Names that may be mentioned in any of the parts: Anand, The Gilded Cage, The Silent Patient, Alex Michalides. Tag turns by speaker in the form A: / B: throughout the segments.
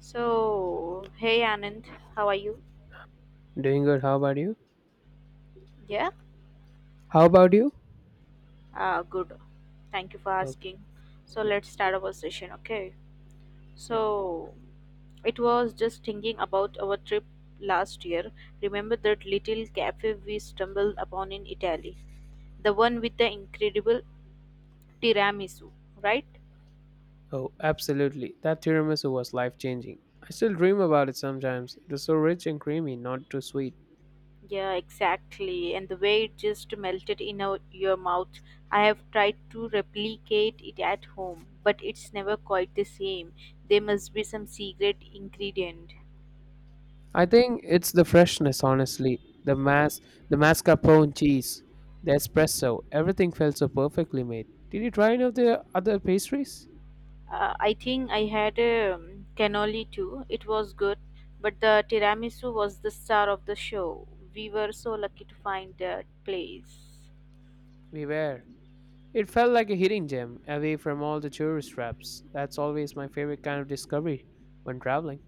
A: So, hey Anand, how are you?
B: Doing good. How about you?
A: Yeah,
B: How about you?
A: good. Thank you for
B: Okay.
A: asking. So,
B: Yep.
A: let's start our session, okay?
B: Yep.
A: So, it was just thinking about our trip last year. Remember that little cafe we stumbled upon in Italy? The one with the incredible tiramisu, right?
B: Oh, absolutely. That tiramisu was life changing. I still dream about it sometimes. It was so rich and creamy, not too sweet.
A: Yeah, exactly. And the way it just melted in your mouth. I have tried to replicate it at home, but it's never quite the same. There must be some secret ingredient.
B: I think it's the freshness, honestly. The mas, the mascarpone cheese, the espresso, everything felt so perfectly made. Did you try any of the other pastries?
A: I think I had a cannoli too. It was good, but the tiramisu was the star of the show. We were so lucky to find that place.
B: We were. It felt like a hidden gem, away from all the tourist traps. That's always my favorite kind of discovery when traveling.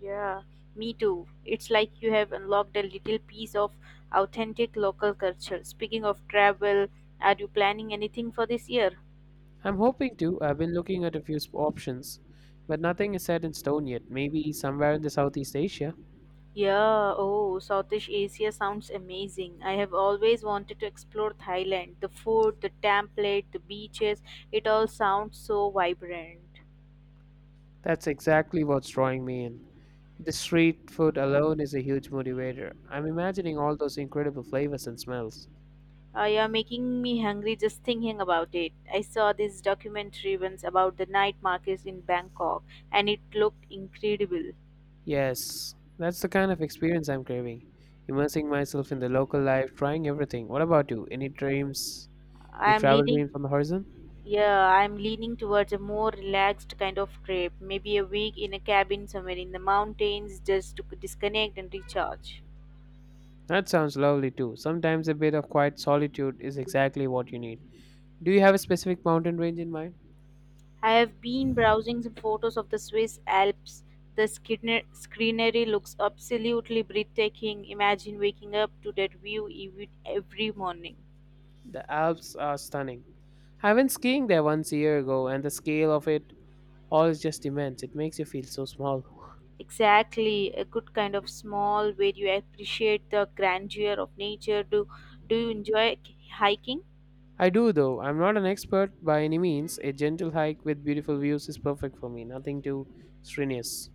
A: Yeah, me too. It's like you have unlocked a little piece of authentic local culture. Speaking of travel, are you planning anything for this year?
B: I'm hoping to. I've been looking at a few options, but nothing is set in stone yet. Maybe somewhere in the Southeast Asia.
A: Yeah, oh, Southeast Asia sounds amazing. I have always wanted to explore Thailand. The food, the template, the beaches, it all sounds so vibrant.
B: That's exactly what's drawing me in. The street food alone is a huge motivator. I'm imagining all those incredible flavors and smells.
A: You're making me hungry just thinking about it. I saw this documentary once about the night markets in Bangkok and it looked incredible.
B: Yes, that's the kind of experience I'm craving. Immersing myself in the local life, trying everything. What about you? Any dreams,
A: I
B: any
A: am
B: travel
A: leading
B: dreams on the horizon?
A: Yeah, I'm leaning towards a more relaxed kind of trip, maybe a week in a cabin somewhere in the mountains just to disconnect and recharge.
B: That sounds lovely too. Sometimes a bit of quiet solitude is exactly what you need. Do you have a specific mountain range in mind?
A: I have been browsing some photos of the Swiss Alps. The scenery looks absolutely breathtaking. Imagine waking up to that view every morning.
B: The Alps are stunning. I went skiing there once a year ago, and the scale of it all is just immense. It makes you feel so small.
A: Exactly, a good kind of small where you appreciate the grandeur of nature. Do you enjoy hiking?
B: I do, though. I'm not an expert by any means. A gentle hike with beautiful views is perfect for me, nothing too strenuous.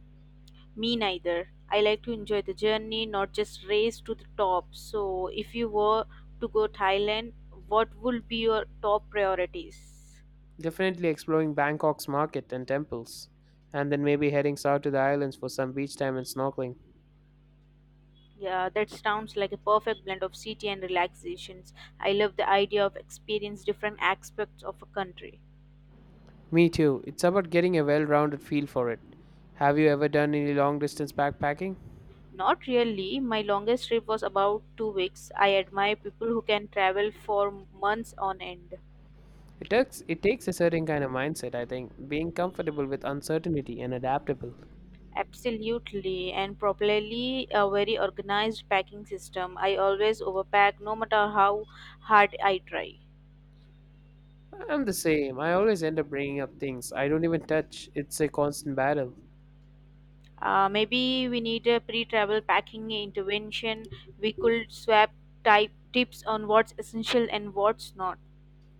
A: Me neither. I like to enjoy the journey, not just race to the top. So, if you were to go Thailand, what would be your top priorities?
B: Definitely exploring Bangkok's market and temples, and then maybe heading south to the islands for some beach time and snorkeling.
A: Yeah, that sounds like a perfect blend of city and relaxations. I love the idea of experience different aspects of a country.
B: Me too. It's about getting a well rounded feel for it. Have you ever done any long distance backpacking?
A: Not really. My longest trip was about 2 weeks. I admire people who can travel for months on end.
B: It takes a certain kind of mindset, I think, being comfortable with uncertainty and adaptable.
A: Absolutely, and probably a very organized packing system. I always overpack no matter how hard I try.
B: I'm the same. I always end up bringing up things I don't even touch. It's a constant battle.
A: Maybe we need a pre travel packing intervention. We could swap type tips on what's essential and what's not.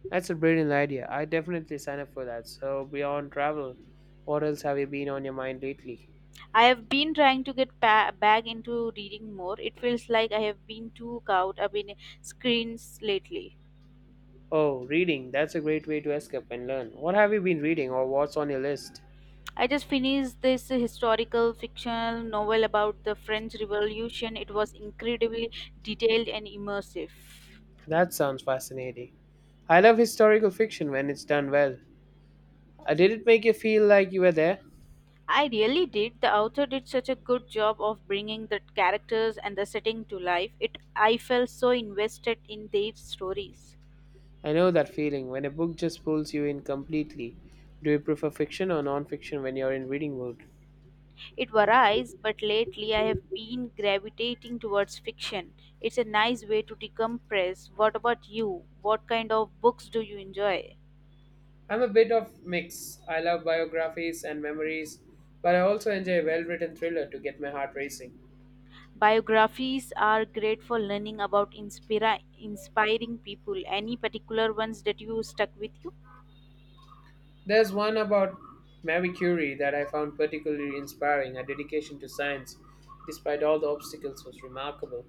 B: That's a brilliant idea. I definitely sign up for that. So beyond travel, what else have you been on your mind lately?
A: I have been trying to get back into reading more. It feels like I have been too caught up in screens lately.
B: Oh, reading. That's a great way to escape and learn. What have you been reading or what's on your list?
A: I just finished this historical fictional novel about the French Revolution. It was incredibly detailed and immersive.
B: That sounds fascinating. I love historical fiction when it's done well. Did it make you feel like you were there?
A: I really did. The author did such a good job of bringing the characters and the setting to life. It I felt so invested in their stories.
B: I know that feeling when a book just pulls you in completely. Do you prefer fiction or non-fiction when you're in reading mode?
A: It varies, but lately I have been gravitating towards fiction. It's a nice way to decompress. What about you? What kind of books do you enjoy?
B: I'm a bit of mix. I love biographies and memories, but I also enjoy a well-written thriller to get my heart racing.
A: Biographies are great for learning about inspiring people. Any particular ones that you stuck with you?
B: There's one about Marie Curie that I found particularly inspiring. Her dedication to science, despite all the obstacles, was remarkable.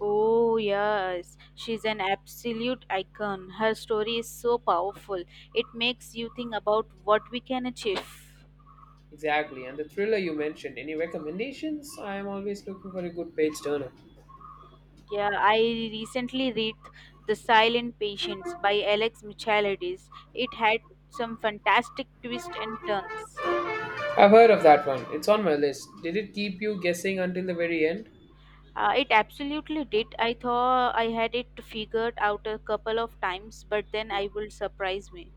A: Oh, yes. She's an absolute icon. Her story is so powerful. It makes you think about what we can achieve.
B: Exactly. And the thriller you mentioned, any recommendations? I am always looking for a good page turner.
A: Yeah, I recently read The Silent Patients by Alex Michalides. It had some fantastic twists and turns.
B: I've heard of that one. It's on my list. Did it keep you guessing until the very end?
A: It absolutely did. I thought I had it figured out a couple of times, but then I will surprise me.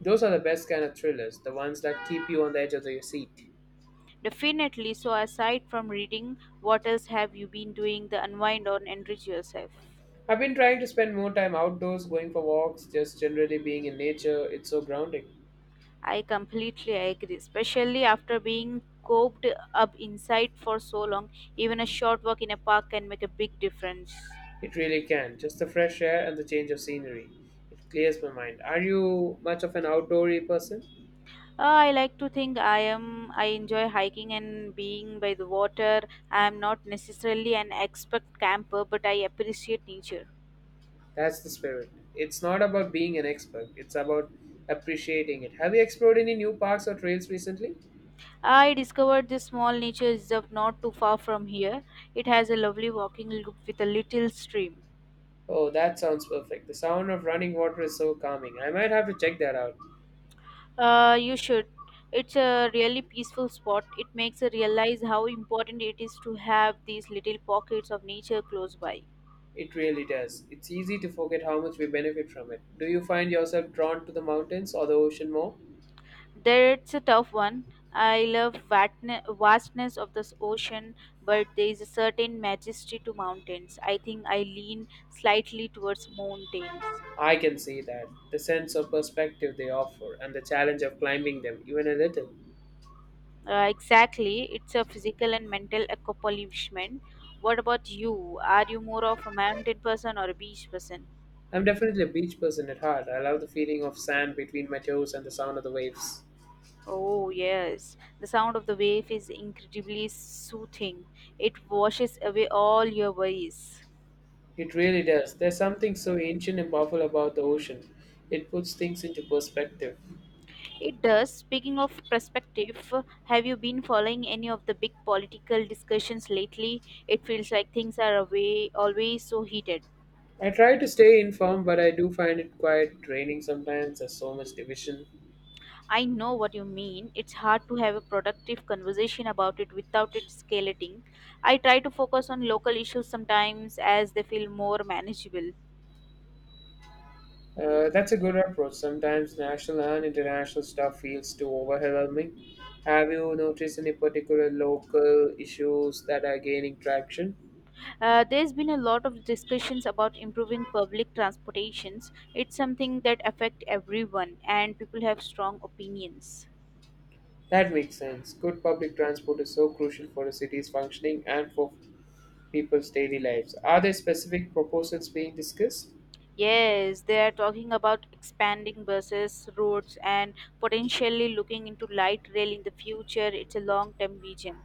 B: Those are the best kind of thrillers, the ones that keep you on the edge of your seat.
A: Definitely. So, aside from reading, what else have you been doing to unwind or enrich yourself?
B: I've been trying to spend more time outdoors, going for walks, just generally being in nature. It's so grounding.
A: I completely agree, especially after being cooped up inside for so long. Even a short walk in a park can make a big difference.
B: It really can. Just the fresh air and the change of scenery. It clears my mind. Are you much of an outdoory person?
A: I like to think I enjoy hiking and being by the water. I am not necessarily an expert camper, but I appreciate nature.
B: That's the spirit. It's not about being an expert, it's about appreciating it. Have you explored any new parks or trails recently?
A: I discovered this small nature reserve not too far from here. It has a lovely walking loop with a little stream.
B: Oh, that sounds perfect. The sound of running water is so calming. I might have to check that out.
A: You should. It's a really peaceful spot. It makes you realize how important it is to have these little pockets of nature close by.
B: It really does. It's easy to forget how much we benefit from it. Do you find yourself drawn to the mountains or the ocean more?
A: That's a tough one. I love vastness of this ocean, but there is a certain majesty to mountains. I think I lean slightly towards mountains.
B: I can see that. The sense of perspective they offer and the challenge of climbing them, even a little.
A: Exactly, it's a physical and mental accomplishment. What about you? Are you more of a mountain person or a beach person?
B: I'm definitely a beach person at heart. I love the feeling of sand between my toes and the sound of the waves.
A: Oh, yes. The sound of the wave is incredibly soothing. It washes away all your worries.
B: It really does. There's something so ancient and powerful about the ocean. It puts things into perspective.
A: It does. Speaking of perspective, have you been following any of the big political discussions lately? It feels like things are always so heated.
B: I try to stay informed, but I do find it quite draining sometimes. There's so much division.
A: I know what you mean. It's hard to have a productive conversation about it without it escalating. I try to focus on local issues sometimes as they feel more manageable.
B: That's a good approach. Sometimes national and international stuff feels too overwhelming. Have you noticed any particular local issues that are gaining traction?
A: There's been a lot of discussions about improving public transportations. It's something that affects everyone, and people have strong opinions.
B: That makes sense. Good public transport is so crucial for a city's functioning and for people's daily lives. Are there specific proposals being discussed?
A: Yes, they are talking about expanding buses, roads, and potentially looking into light rail in the future. It's a long term vision.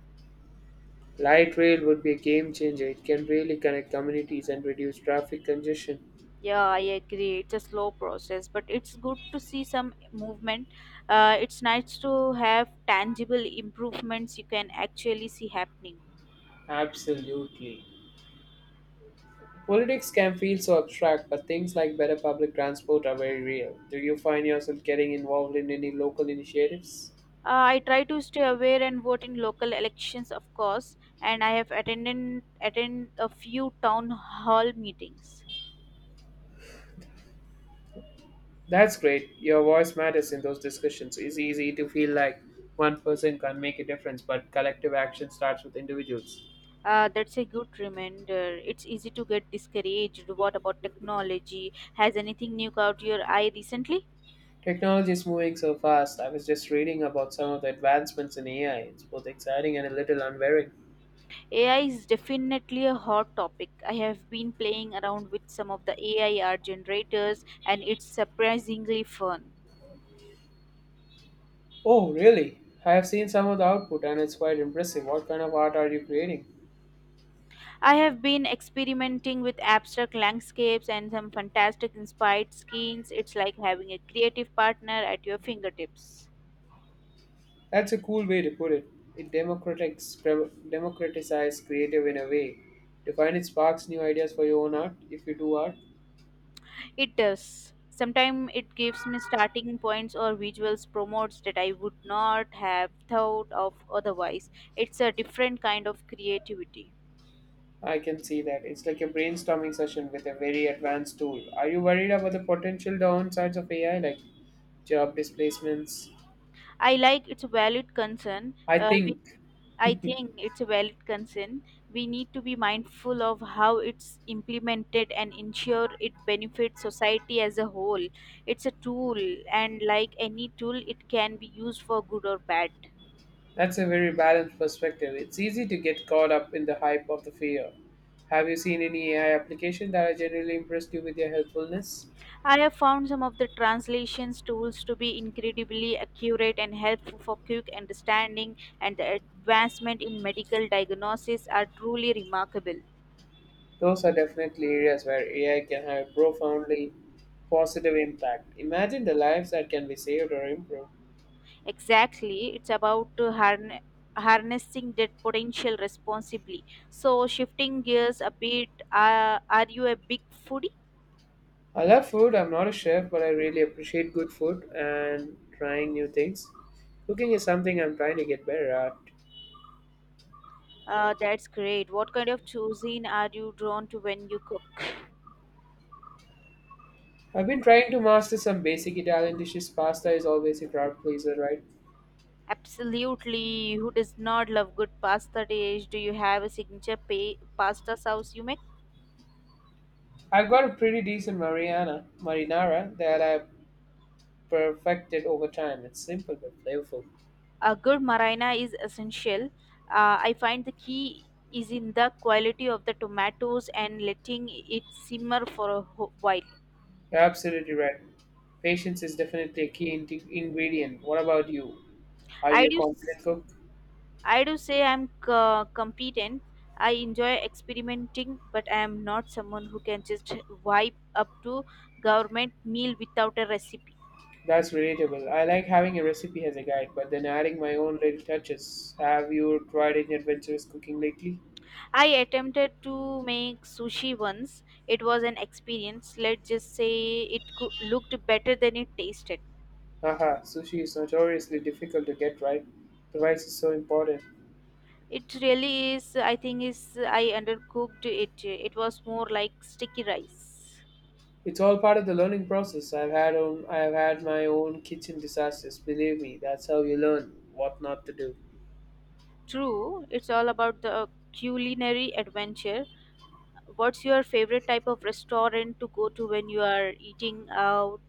B: Light rail would be a game changer. It can really connect communities and reduce traffic congestion.
A: Yeah, I agree. It's a slow process, but it's good to see some movement. It's nice to have tangible improvements you can actually see happening.
B: Absolutely. Politics can feel so abstract, but things like better public transport are very real. Do you find yourself getting involved in any local initiatives?
A: I try to stay aware and vote in local elections, of course, and I have attend a few town hall meetings.
B: That's great. Your voice matters in those discussions. It's easy to feel like one person can make a difference, but collective action starts with individuals.
A: That's a good reminder. It's easy to get discouraged. What about technology? Has anything new caught your eye recently?
B: Technology is moving so fast. I was just reading about some of the advancements in AI. It's both exciting and a little unwearing.
A: AI is definitely a hot topic. I have been playing around with some of the AI art generators, and it's surprisingly fun.
B: Oh, really? I have seen some of the output and it's quite impressive. What kind of art are you creating?
A: I have been experimenting with abstract landscapes and some fantastic inspired scenes. It's like having a creative partner at your fingertips.
B: That's a cool way to put it. It democratizes creative in a way. To find it sparks new ideas for your own art, if you do art,
A: It does. Sometimes it gives me starting points or visuals promotes that I would not have thought of otherwise. It's a different kind of creativity.
B: I can see that. It's like a brainstorming session with a very advanced tool. Are you worried about the potential downsides of AI, like job displacements?
A: I like it's a valid concern.
B: I think
A: I think it's a valid concern. We need to be mindful of how it's implemented and ensure it benefits society as a whole. It's a tool, and like any tool, it can be used for good or bad.
B: that's a very balanced perspective. It's easy to get caught up in the hype of the fear. Have you seen any AI application that are generally impressed you with their helpfulness?
A: I have found some of the translations tools to be incredibly accurate and helpful for quick understanding, and the advancement in medical diagnosis are truly remarkable.
B: Those are definitely areas where AI can have a profoundly positive impact. Imagine the lives that can be saved or improved.
A: Exactly, it's about to harnessing that potential responsibly. So, shifting gears a bit, are you a big foodie?
B: I love food. I'm not a chef, but I really appreciate good food and trying new things. Cooking is something I'm trying to get better at.
A: That's great. What kind of cuisine are you drawn to when you cook?
B: I've been trying to master some basic Italian dishes. Pasta is always a crowd pleaser, right?
A: Absolutely. Who does not love good pasta dish? Do you have a signature pasta sauce you make?
B: I've got a pretty decent Mariana marinara that I've perfected over time. It's simple but flavorful.
A: A good marina is essential. I find the key is in the quality of the tomatoes and letting it simmer for a while.
B: You're absolutely right. Patience is definitely a key ingredient. What about you? Are
A: I
B: you a
A: do,
B: confident
A: s-
B: cook?
A: I do say I'm competent. I enjoy experimenting, but I am not someone who can just wipe up to government meal without a recipe.
B: That's relatable. I like having a recipe as a guide, but then adding my own little touches. Have you tried any adventurous cooking lately?
A: I attempted to make sushi once. It was an experience. Let's just say it looked better than it tasted.
B: Haha, sushi is notoriously difficult to get right. The rice is so important.
A: It really is. I think is I undercooked it. It was more like sticky rice.
B: It's all part of the learning process. I've had my own kitchen disasters. Believe me, that's how you learn what not to do.
A: True, it's all about the culinary adventure. What's your favorite type of restaurant to go to when you are eating out?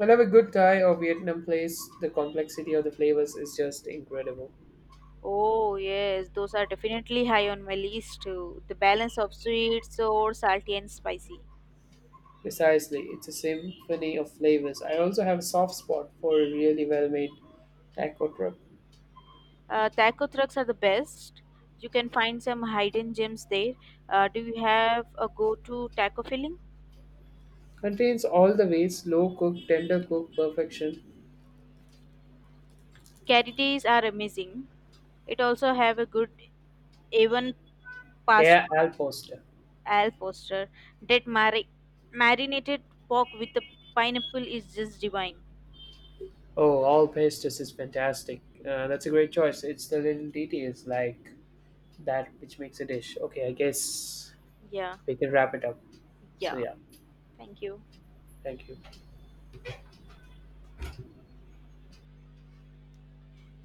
B: I love a good Thai or Vietnam place. The complexity of the flavors is just incredible.
A: Oh yes, those are definitely high on my list too. The balance of sweet, sour, salty, and spicy.
B: Precisely, it's a symphony of flavors. I also have a soft spot for a really well-made taco truck.
A: Taco trucks are the best. You can find some hidden gems there. Do you have a go-to taco filling?
B: Contains all the ways slow cook, tender cook, perfection.
A: Curry days are amazing. It also have a good A1 pasta,
B: Yeah, Al Poster.
A: al poster. That marinated pork with the pineapple is just divine.
B: Oh, all pastas is fantastic. That's a great choice. It's the little details like that which makes a dish. Okay, I guess
A: Yeah,
B: we can wrap it up. So
A: yeah.
B: yeah,
A: Thank you.
B: thank you.